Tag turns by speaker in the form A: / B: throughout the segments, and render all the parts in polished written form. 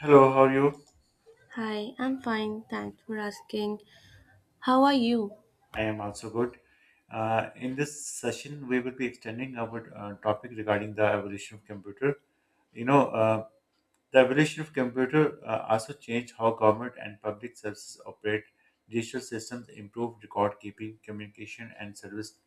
A: Hello, how are you?
B: Hi, I'm fine. Thanks for asking. How are you?
A: I am also good. In this session, we will be extending our topic regarding the evolution of computer. You know, uh, the evolution of computer also changed how government and public services operate. Digital systems improved record keeping, communication, and service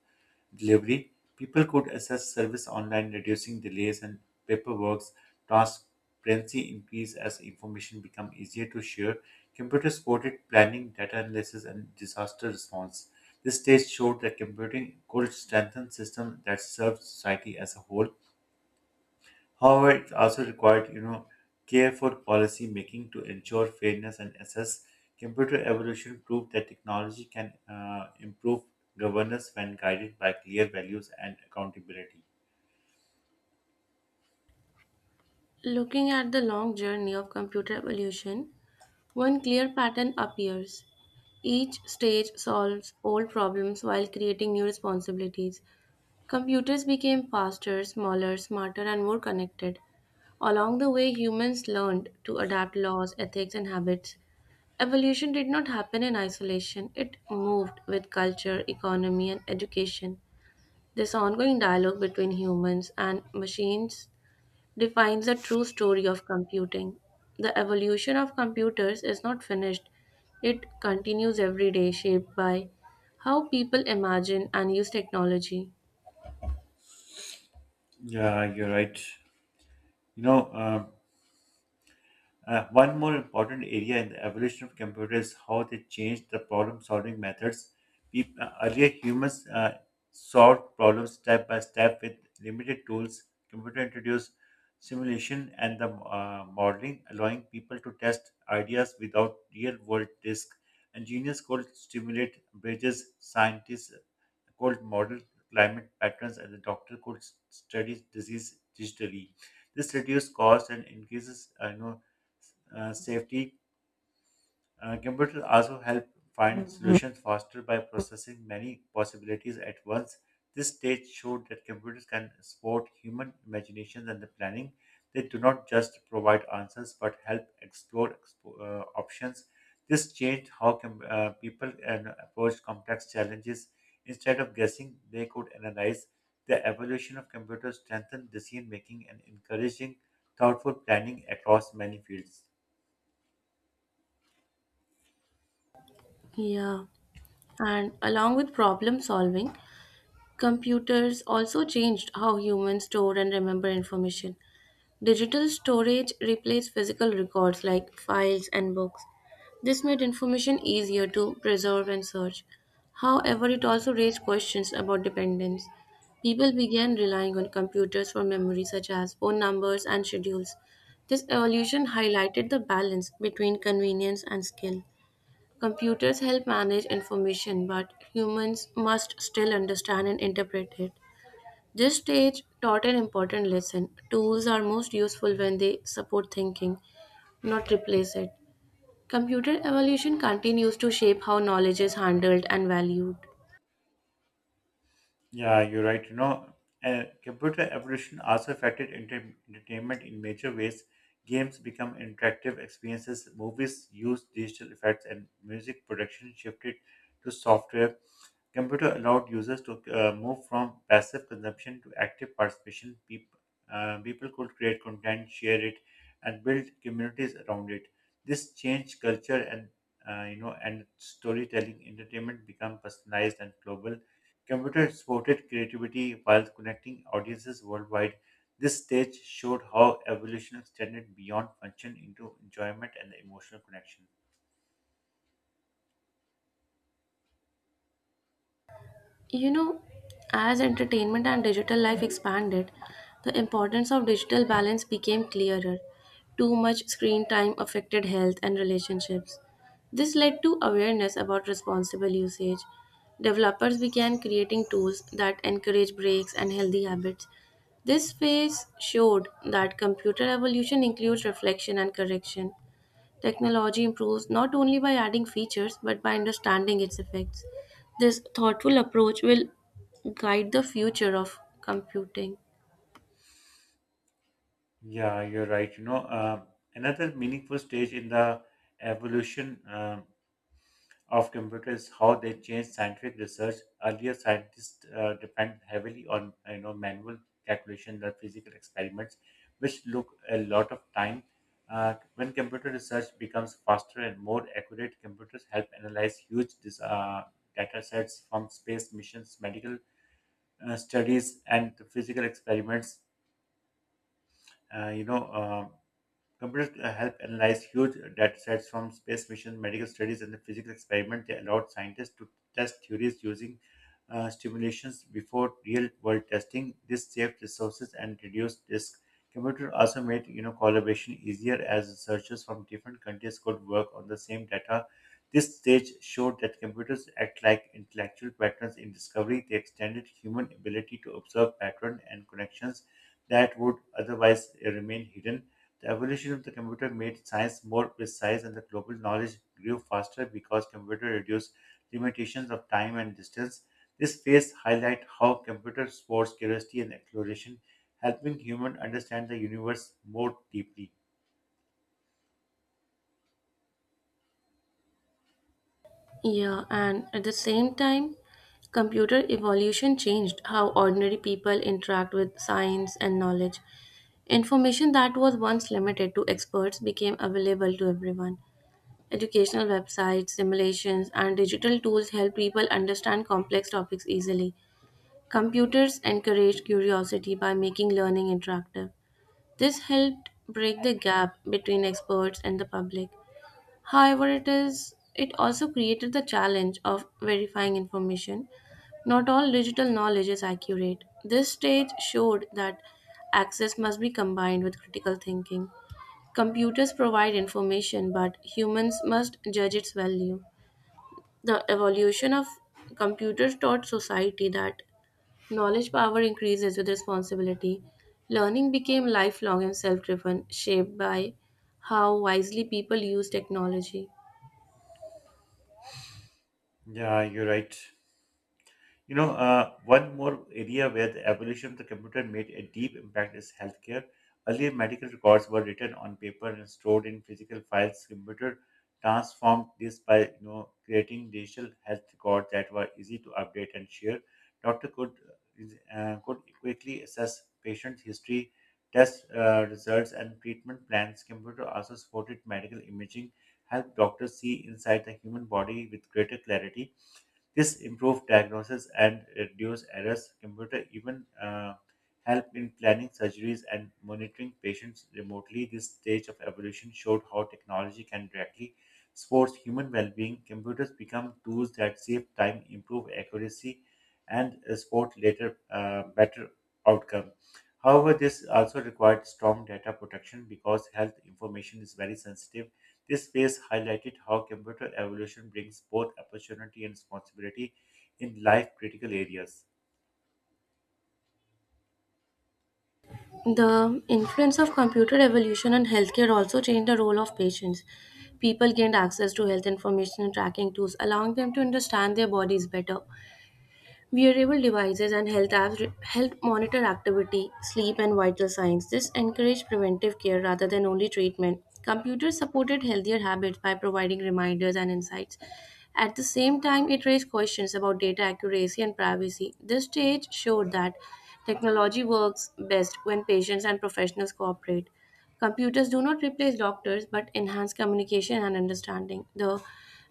A: delivery. People could access service online, reducing delays and paperwork. Transparency increased as information become easier to share. Computers supported planning, data analysis, and disaster response. This stage showed that computing could strengthen systems that serve society as a whole. However, it also required care for policy making to ensure fairness and assess. Computer evolution proved that technology can improve governance when guided by clear values and accountability.
B: Looking at the long journey of computer evolution, one clear pattern appears. Each stage solves old problems while creating new responsibilities. Computers became faster, smaller, smarter, and more connected. Along the way, humans learned to adapt laws, ethics, and habits. Evolution did not happen in isolation, it moved with culture, economy, and education. This ongoing dialogue between humans and machines defines the true story of computing. The evolution of computers is not finished, it continues every day, shaped by how people imagine and use technology.
A: Yeah, you're right. You know, um, One more important area in the evolution of computers is how they changed the problem-solving methods. Earlier, humans solved problems step by step with limited tools. Computer introduced simulation and the modeling, allowing people to test ideas without real-world risk. Engineers could stimulate bridges, scientists could model climate patterns, and the doctor could study disease digitally. This reduces cost and increases safety. Computers also help find solutions faster by processing many possibilities at once. This stage showed that computers can support human imagination and the planning. They do not just provide answers but help explore options. This changed how people and approach complex challenges. Instead of guessing, they could analyze. The evolution of computers strengthened decision making and encouraging thoughtful planning across many fields.
B: Yeah, and along with problem solving, computers also changed how humans store and remember information. Digital storage replaced physical records like files and books. This made information easier to preserve and search. However, it also raised questions about dependence. People began relying on computers for memory, such as phone numbers and schedules. This evolution highlighted the balance between convenience and skill. Computers help manage information, but humans must still understand and interpret it. This stage taught an important lesson. Tools are most useful when they support thinking, not replace it. Computer evolution continues to shape how knowledge is handled and valued.
A: Yeah, you're right. Computer evolution also affected entertainment in major ways. Games become interactive experiences, movies used digital effects, and music production shifted to software. Computer allowed users to move from passive consumption to active participation. People could create content, share it, and build communities around it. This changed culture and storytelling. Entertainment become personalized and global. Computer supported creativity while connecting audiences worldwide. This stage showed how evolution extended beyond function into enjoyment and emotional connection.
B: You know, as entertainment and digital life expanded, the importance of digital balance became clearer. Too much screen time affected health and relationships. This led to awareness about responsible usage. Developers began creating tools that encourage breaks and healthy habits. This phase showed that computer evolution includes reflection and correction. Technology improves not only by adding features but by understanding its effects. This thoughtful approach will guide the future of computing.
A: Yeah, you're right. Another meaningful stage in the evolution of computers is how they changed scientific research. Earlier, scientists depend heavily on manual calculation, the physical experiments, which look a lot of time. When computer research becomes faster and more accurate, computers help analyze huge data sets from space missions, medical studies, and the physical experiments. Uh, you know. um Computers help analyze huge data sets from space missions, medical studies, and the physics experiment. They allowed scientists to test theories using stimulations before real-world testing. This saved resources and reduced risk. Computer also made collaboration easier as researchers from different countries could work on the same data. This stage showed that computers act like intellectual patterns in discovery. They extended human ability to observe patterns and connections that would otherwise remain hidden. The evolution of the computer made science more precise and the global knowledge grew faster because computers reduced limitations of time and distance. This phase highlight how computers sports curiosity and exploration, helping humans understand the universe more deeply.
B: Yeah, and at the same time, computer evolution changed how ordinary people interact with science and knowledge. Information that was once limited to experts became available to everyone. Educational websites, simulations, and digital tools help people understand complex topics easily. Computers encourage curiosity by making learning interactive. This helped break the gap between experts and the public. However, it also created the challenge of verifying information. Not all digital knowledge is accurate. This stage showed that access must be combined with critical thinking. Computers provide information, but humans must judge its value. The evolution of computers taught society that knowledge power increases with responsibility. Learning became lifelong and self driven, shaped by how wisely people use technology.
A: Yeah, you're right. One more area where the evolution of the computer made a deep impact is healthcare. Earlier, medical records were written on paper and stored in physical files. Computer transformed this by creating digital health records that were easy to update and share. Doctor could quickly assess patient history, test results, and treatment plans. Computer also supported medical imaging, helped doctors see inside the human body with greater clarity. This improved diagnosis and reduced errors. Computer even help in planning surgeries and monitoring patients remotely. This stage of evolution showed how technology can directly support human well-being. Computers become tools that save time, improve accuracy, and support later better outcome. However, this also required strong data protection because health information is very sensitive. This phase highlighted how computer evolution brings both opportunity and responsibility in life critical areas.
B: The influence of computer revolution on healthcare also changed the role of patients. People gained access to health information and tracking tools, allowing them to understand their bodies better. Wearable devices and health apps help monitor activity, sleep, and vital signs. This encourage preventive care rather than only treatment. Computers supported healthier habits by providing reminders and insights. At the same time, it raised questions about data accuracy and privacy. This stage showed that technology works best when patients and professionals cooperate. Computers do not replace doctors but enhance communication and understanding. The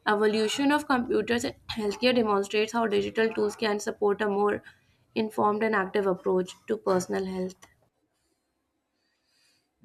B: evolution of computers in healthcare demonstrates how digital tools can support a more informed and active approach to personal health.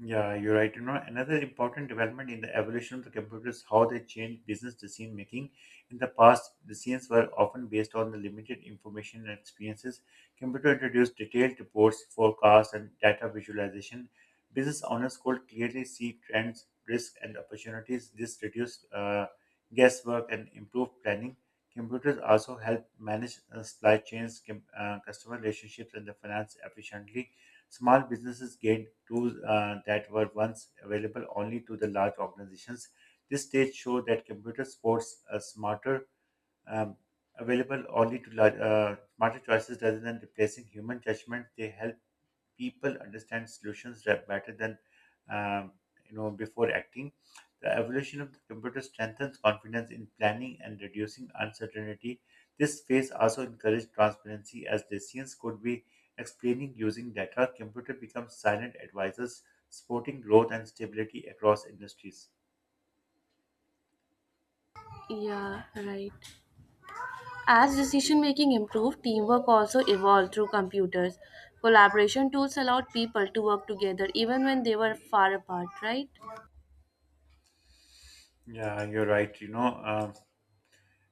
A: Yeah, you're right. You know, another important development in the evolution of the computer is how they changed business decision making. In the past, decisions were often based on the limited information and experiences. Computer introduced detailed reports, forecasts, and data visualization. Business owners could clearly see trends, risks, and opportunities. This reduced guesswork and improved planning. Computers also help manage supply chains, customer relationships, and the finance efficiently. Small businesses gained tools that were once available only to the large organizations. This stage showed that computer sports are smarter, um, available only to large, smarter choices rather than replacing human judgment. They help people understand solutions that better than um, before acting. The evolution of the computer strengthens confidence in planning and reducing uncertainty. This phase also encouraged transparency as decisions could be explaining using data. Computer becomes silent advisors, supporting growth and stability across industries.
B: Yeah, right. As decision making improved, teamwork also evolved through computers. Collaboration tools allowed people to work together even when they were far apart, right?
A: Yeah, you're right.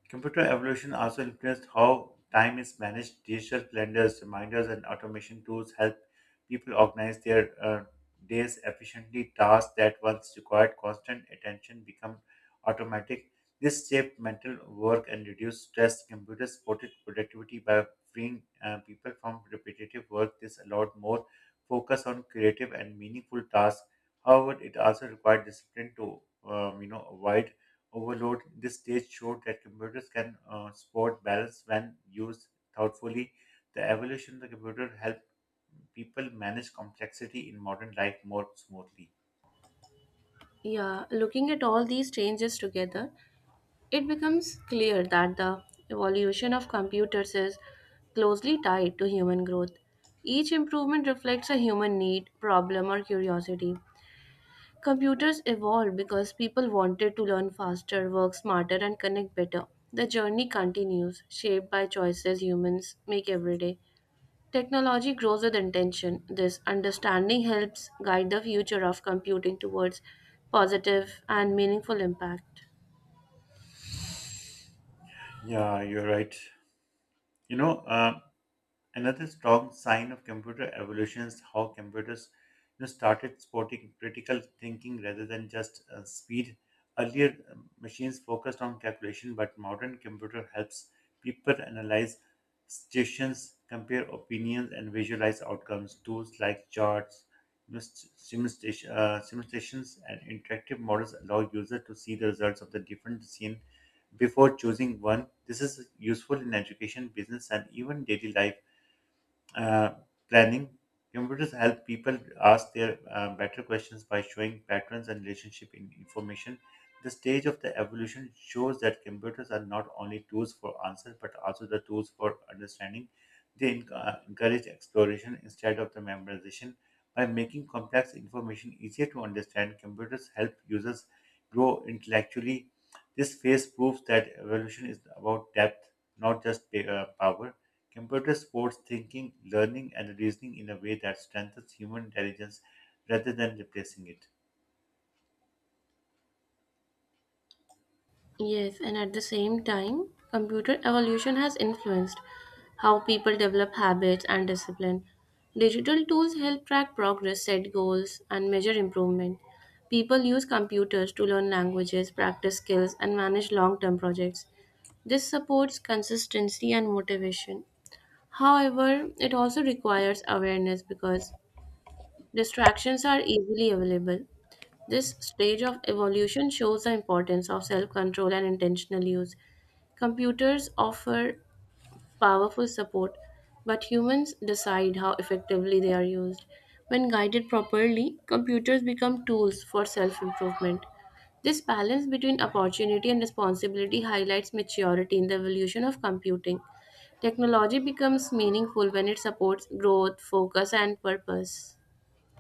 A: Computer evolution also influenced how time is managed. Digital calendars, reminders, and automation tools help people organize their days efficiently. Tasks that once required constant attention become automatic. This saved mental work and reduced stress. Computers supported productivity by freeing people from repetitive work. This allowed more focus on creative and meaningful tasks. However, it also required discipline to avoid overload. This stage showed that computers can support balance when used thoughtfully. The evolution of the computer helped people manage complexity in modern life more smoothly.
B: Yeah, looking at all these changes together, it becomes clear that the evolution of computers is closely tied to human growth. Each improvement reflects a human need, problem, or curiosity. Computers evolved because people wanted to learn faster, work smarter, and connect better. The journey continues, shaped by choices humans make every day. Technology grows with intention. This understanding helps guide the future of computing towards positive and meaningful impact.
A: Yeah, you're right. You know, uh, Another strong sign of computer evolution is how computers started supporting critical thinking rather than just speed. Earlier, machines focused on calculation, but modern computer helps people analyze situations, compare opinions, and visualize outcomes. Tools like charts, simulations, and interactive models allow users to see the results of the different decisions before choosing one. This is useful in education, business, and even daily life uh, planning. Computers help people ask their better questions by showing patterns and relationship in information. The stage of the evolution shows that computers are not only tools for answers but also the tools for understanding. They encourage exploration instead of the memorization. By making complex information easier to understand, computers help users grow intellectually. This phase proves that evolution is about depth, not just power. Computers support thinking, learning, and reasoning in a way that strengthens human intelligence rather than replacing it.
B: Yes, and at the same time, computer evolution has influenced how people develop habits and discipline. Digital tools help track progress, set goals, and measure improvement. People use computers to learn languages, practice skills, and manage long term projects. This supports consistency and motivation. However, it also requires awareness because distractions are easily available. This stage of evolution shows the importance of self control and intentional use. Computers offer powerful support, but humans decide how effectively they are used. When guided properly, computers become tools for self improvement. This balance between opportunity and responsibility highlights maturity in the evolution of computing. Technology becomes meaningful when it supports growth, focus, and purpose.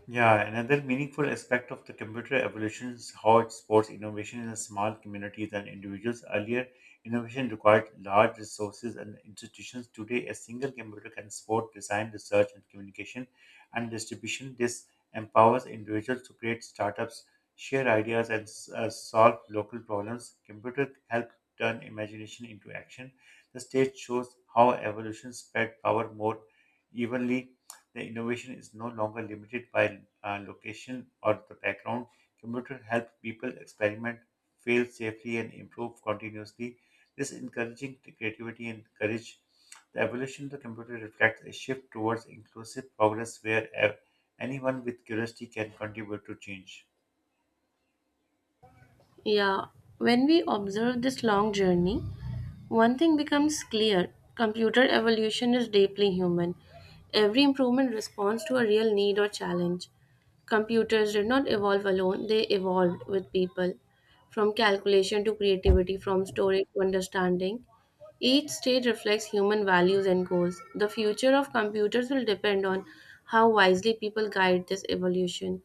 A: Yeah, another meaningful aspect of the computer evolution is how it supports innovation in small communities and individuals. Earlier, innovation required large resources and institutions. Today, a single computer can support design, research, and communication and distribution. This empowers individuals to create startups, share ideas, and solve local problems. Computer help turn imagination into action. The stage shows how evolution spread power more evenly. The innovation is no longer limited by location or the background. Computer help people experiment, fail safely, and improve continuously. This encouraging creativity and courage. The evolution of the computer reflects a shift towards inclusive progress where anyone with curiosity can contribute to change.
B: Yeah, when we observe this long journey, one thing becomes clear computer evolution is deeply human. Every improvement responds to a real need or challenge. Computers did not evolve alone, they evolved with people. From calculation to creativity, from storage to understanding, each stage reflects human values and goals. The future of computers will depend on how wisely people guide this evolution.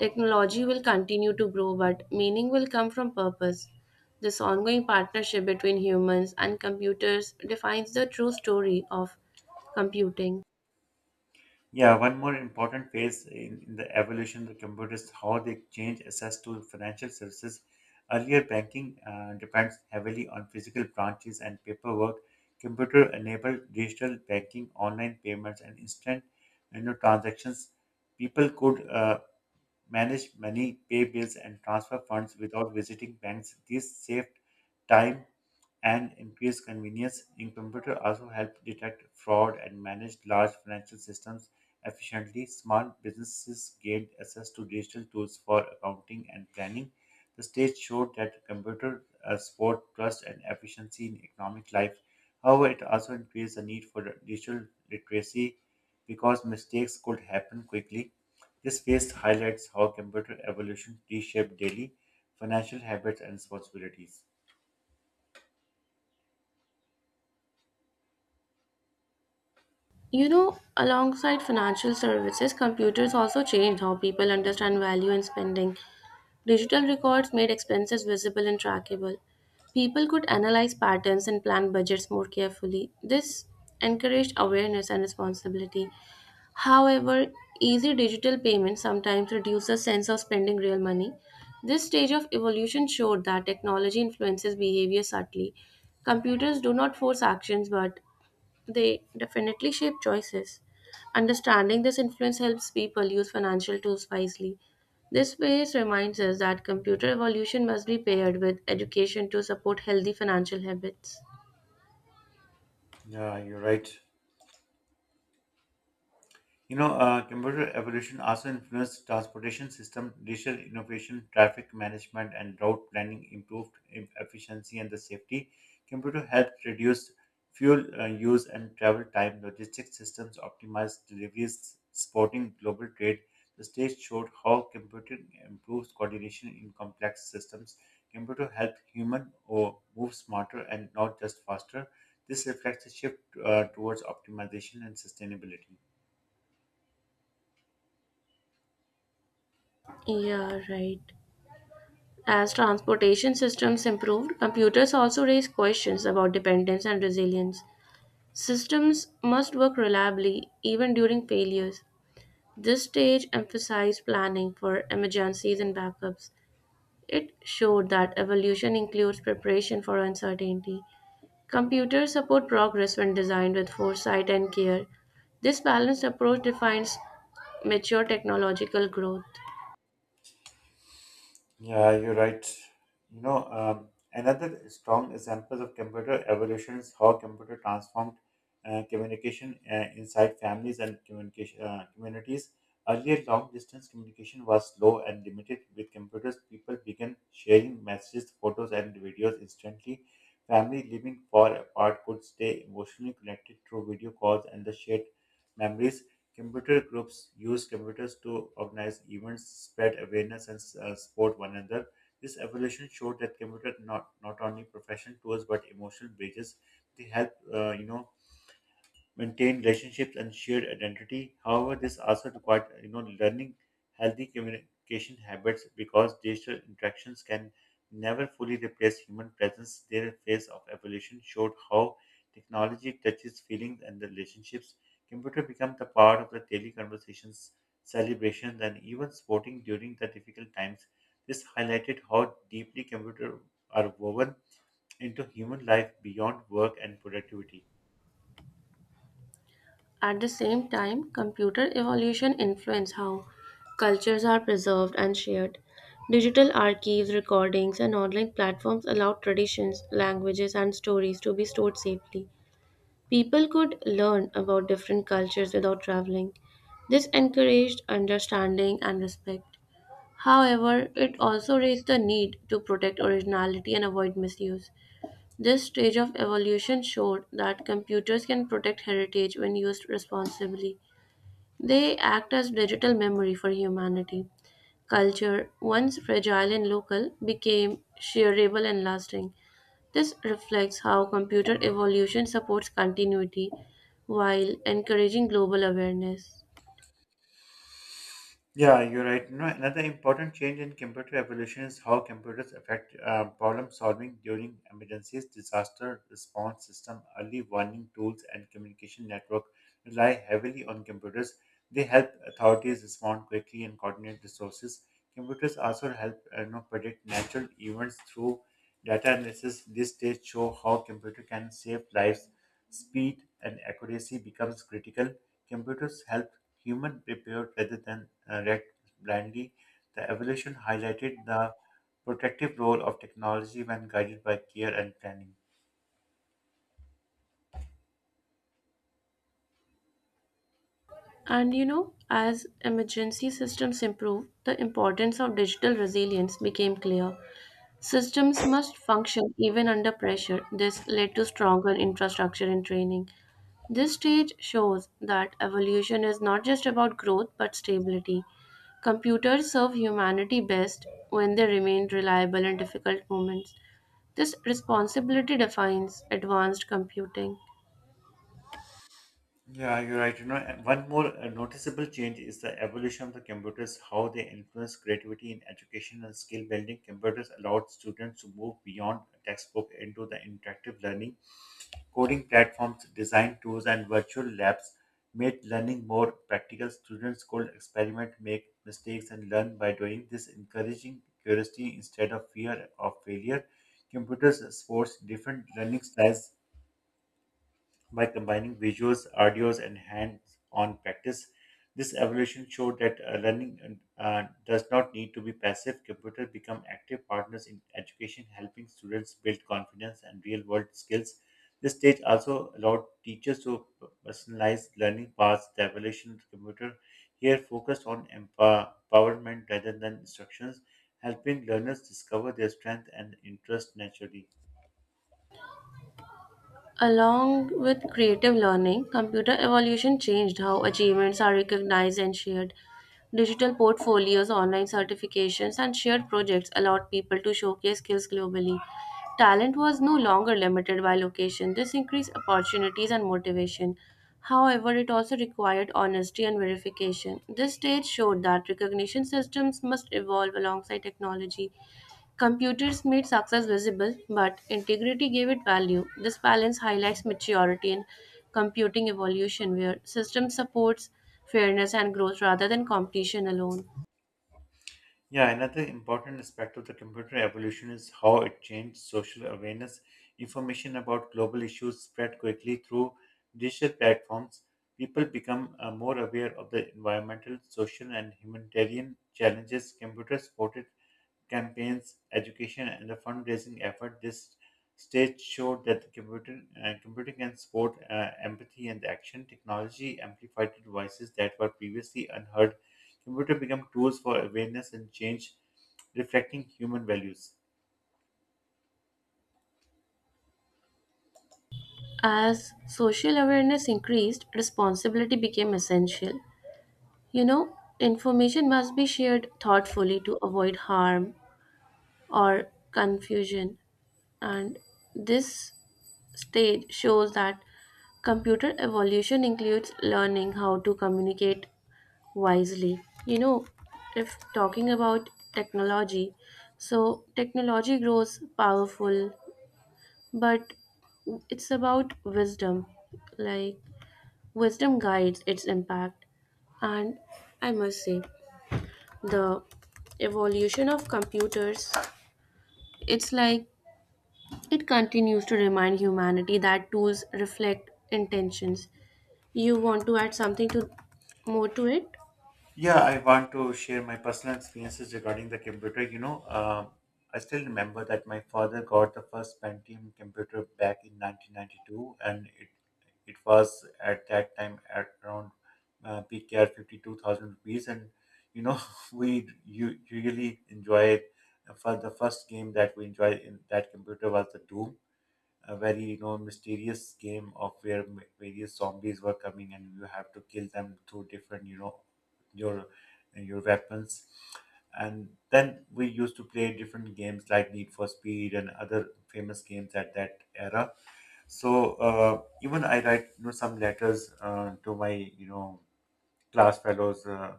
B: Technology will continue to grow, but meaning will come from purpose. This ongoing partnership between humans and computers defines the true story of computing.
A: Yeah, one more important phase in the evolution of the computer is how they change access to financial services. Earlier, banking depends heavily on physical branches and paperwork. Computer enabled digital banking, online payments, and instant transactions. People could manage money, pay bills, and transfer funds without visiting banks. This saved time and increase convenience in computer also help detect fraud and manage large financial systems efficiently. Smart businesses gained access to digital tools for accounting and planning. The stage showed that computer support trust and efficiency in economic life. However, it also increased the need for digital literacy because mistakes could happen quickly. This phase highlights how computer evolution reshaped daily financial habits and responsibilities.
B: You know, alongside financial services, computers also changed how people understand value and spending. Digital records made expenses visible and trackable. People could analyze patterns and plan budgets more carefully. This encouraged awareness and responsibility. However, easy digital payments sometimes reduce the sense of spending real money. This stage of evolution showed that technology influences behavior subtly. Computers do not force actions, but they definitely shape choices. Understanding this influence helps people use financial tools wisely. This phase reminds us that computer evolution must be paired with education to support healthy financial habits.
A: Yeah, you're right. Computer evolution also influenced transportation system, digital innovation, traffic management, and route planning improved efficiency and the safety. Computer helped reduce fuel use and travel time. Logistics systems optimized deliveries, supporting global trade. The stage showed how computing improves coordination in complex systems. Computer helped human or move smarter and not just faster. This reflects a shift towards optimization and sustainability.
B: Yeah, right. As transportation systems improved, computers also raised questions about dependence and resilience. Systems must work reliably even during failures. This stage emphasized planning for emergencies and backups. It showed that evolution includes preparation for uncertainty. Computers support progress when designed with foresight and care. This balanced approach defines mature technological growth.
A: Yeah, you're right. Another strong example of computer evolution is how computer transformed communication inside families and communication communities. Earlier, long distance communication was slow and limited. With computers, people began sharing messages, photos, and videos instantly. Family living far apart could stay emotionally connected through video calls and the shared memories. Computer groups use computers to organize events, spread awareness, and support one another. This evolution showed that computers not only professional tools but emotional bridges. They help, maintain relationships and shared identity. However, this also requires learning healthy communication habits because digital interactions can never fully replace human presence. Their phase of evolution showed how technology touches feelings and the relationships. Computer become the part of the daily conversations, celebrations, and even sporting during the difficult times. This highlighted how deeply computers are woven into human life beyond work and productivity.
B: At the same time, computer evolution influences how cultures are preserved and shared. Digital archives, recordings, and online platforms allow traditions, languages, and stories to be stored safely. People could learn about different cultures without traveling. This encouraged understanding and respect. However, it also raised the need to protect originality and avoid misuse. This stage of evolution showed that computers can protect heritage when used responsibly. They act as digital memory for humanity. Culture, once fragile and local, became shareable and lasting. This reflects how computer evolution supports continuity while encouraging global awareness.
A: Yeah, you're right. No, another important change in computer evolution is how computers affect problem solving during emergencies, disaster response system, early warning tools, and communication network rely heavily on computers. They help authorities respond quickly and coordinate resources. Computers also help predict natural events through data analysis. This stage show how computer can save lives. Speed and accuracy becomes critical. Computers help human prepared rather than react blindly. The evolution highlighted the protective role of technology when guided by care and planning.
B: And you know, as emergency systems improve, the importance of digital resilience became clear. Systems must function even under pressure. This led to stronger infrastructure and training. This stage shows that evolution is not just about growth but stability. Computers serve humanity best when they remain reliable in difficult moments. This responsibility defines advanced computing.
A: Yeah, you're right. You know, and one more noticeable change is the evolution of the computers, how they influence creativity in education and skill building. Computers allowed students to move beyond textbook into the interactive learning coding platforms, design tools, and virtual labs made learning more practical. Students could experiment, make mistakes, and learn by doing this, encouraging curiosity instead of fear of failure. Computers sports different learning styles by combining visuals, audios, and hands on practice. This evolution showed that learning does not need to be passive. Computers become active partners in education, helping students build confidence and real world skills. This stage also allowed teachers to personalize learning paths, the evolution of the computer here focused on empowerment rather than instructions, helping learners discover their strength and interest naturally.
B: Along with creative learning, computer evolution changed how achievements are recognized and shared. Digital portfolios, online certifications, and shared projects allowed people to showcase skills globally. Talent was no longer limited by location. This increased opportunities and motivation. However, it also required honesty and verification. This stage showed that recognition systems must evolve alongside technology. Computers made success visible, but integrity gave it value. This balance highlights maturity in computing evolution, where system supports fairness and growth rather than competition alone.
A: Yeah, another important aspect of the computer evolution is how it changed social awareness. Information about global issues spread quickly through digital platforms, people become more aware of the environmental, social, and humanitarian challenges. Computer supported campaigns, education, and the fundraising effort. This stage showed that the computing can support empathy and action. Technology amplified the voices that were previously unheard. Computer become tools for awareness and change, reflecting human values.
B: As social awareness increased, responsibility became essential. You know, information must be shared thoughtfully to avoid harm or confusion, and this stage shows that computer evolution includes learning how to communicate wisely. You know, if talking about technology, so technology grows powerful, but it's about wisdom. Like, wisdom guides its impact. And I must say, the evolution of computers, it's like it continues to remind humanity that tools reflect intentions. You want to add something to more to it?
A: Yeah, I want to share my personal experiences regarding the computer. I still remember that my father got the first Pentium computer back in 1992, and it was at that time at around PKR 52,000 rupees. And you know, we you really enjoy it. For the first game that we enjoyed in that computer was the Doom, a very mysterious game of where various zombies were coming, and you have to kill them through different, your your weapons. And then we used to play different games like need for speed and other famous games at that era. So even I write some letters to my, you know class fellows,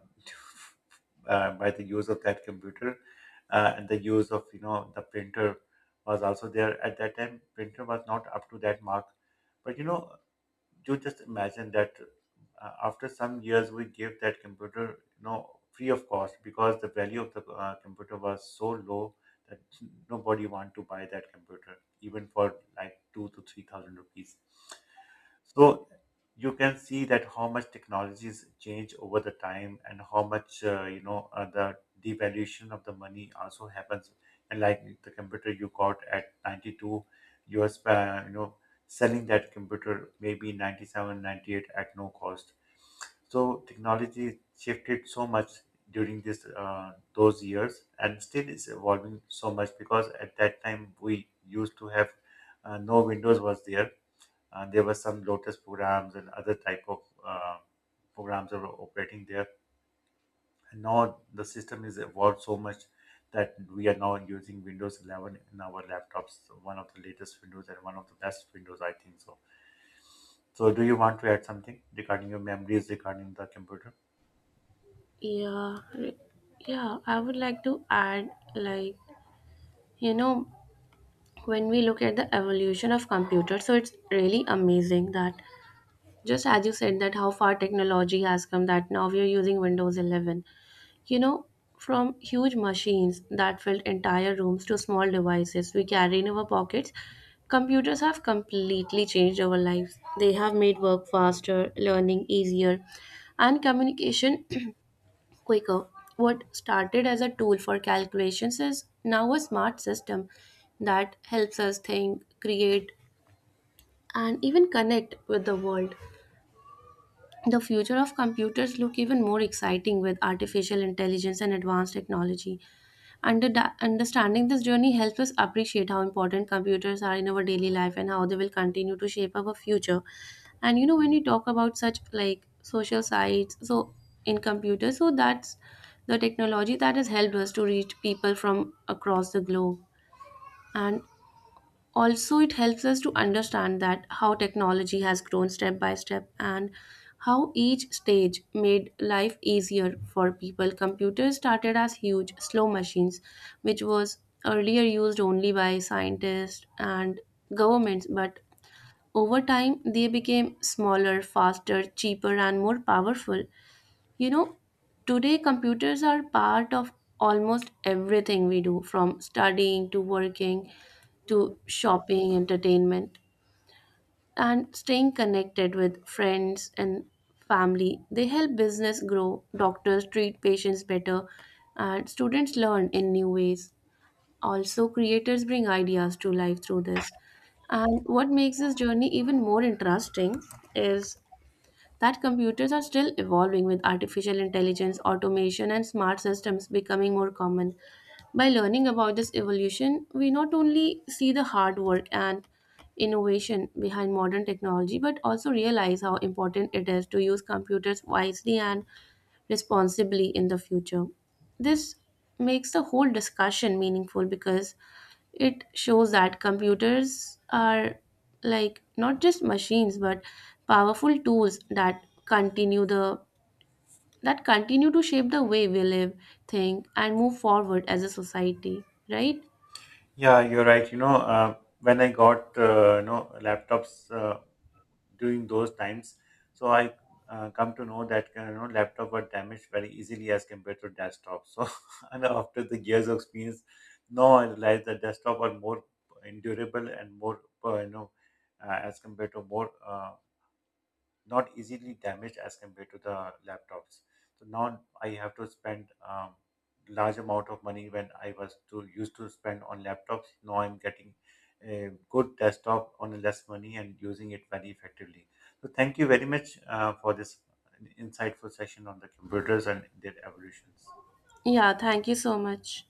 A: by the use of that computer, and the use of, the printer was also there. At that time printer was not up to that mark, but you just imagine that, after some years we gave that computer, free of cost, because the value of the computer was so low that nobody want to buy that computer even for like 2 to 3 thousand rupees. So you can see that how much technologies change over the time, and how much, the devaluation of the money also happens. And like the computer you got at 92, you are selling that computer maybe 97, 98 at no cost. So technology shifted so much during this those years, and still is evolving so much, because at that time we used to have, no windows was there. There were some Lotus programs and other type of uh, programs that were operating there. And now the system is evolved so much that we are now using Windows 11 in our laptops, so one of the latest Windows and one of the best Windows, I think so. So, do you want to add something regarding your memories regarding the computer?
B: Yeah, re- yeah, I would like to add, like, you know, when we look at the evolution of computer, so it's really amazing that just as you said that how far technology has come that now we are using Windows 11. You know, from huge machines that filled entire rooms to small devices we carry in our pockets, computers have completely changed our lives. They have made work faster, learning easier, and communication quicker. What started as a tool for calculations is now a smart system that helps us think, create, and even connect with the world. The future of computers look even more exciting with artificial intelligence and advanced technology. Under Understanding this journey helps us appreciate how important computers are in our daily life and how they will continue to shape our future. And you know, when you talk about such like social sites, so in computers, so that's the technology that has helped us to reach people from across the globe, and also it helps us to understand that how technology has grown step by step and how each stage made life easier for people. Computers started as huge slow machines which was earlier used only by scientists and governments, but over time, they became smaller, faster, cheaper, and more powerful. You know, today computers are part of almost everything we do, from studying to working to shopping, entertainment, and staying connected with friends and family. They help business grow, doctors treat patients better, and students learn in new ways. Also, creators bring ideas to life through this. And what makes this journey even more interesting is that computers are still evolving with artificial intelligence, automation, and smart systems becoming more common. By learning about this evolution, we not only see the hard work and innovation behind modern technology, but also realize how important it is to use computers wisely and responsibly in the future. This makes the whole discussion meaningful because it shows that computers are like not just machines but powerful tools that continue the that continue to shape the way we live, think and move forward as a society, right?
A: Yeah, you're right. When I got, laptops, during those times. So I, come to know that, laptop were damaged very easily as compared to desktop. So and after the years of experience, now I realize that desktop are more endurable and more, as compared to more. Not easily damaged as compared to the laptops. So now I have to spend large amount of money when I was to used to spend on laptops. Now I'm getting a good desktop on less money and using it very effectively. So thank you very much, for this insightful session on the computers and their evolutions.
B: Yeah, thank you so much.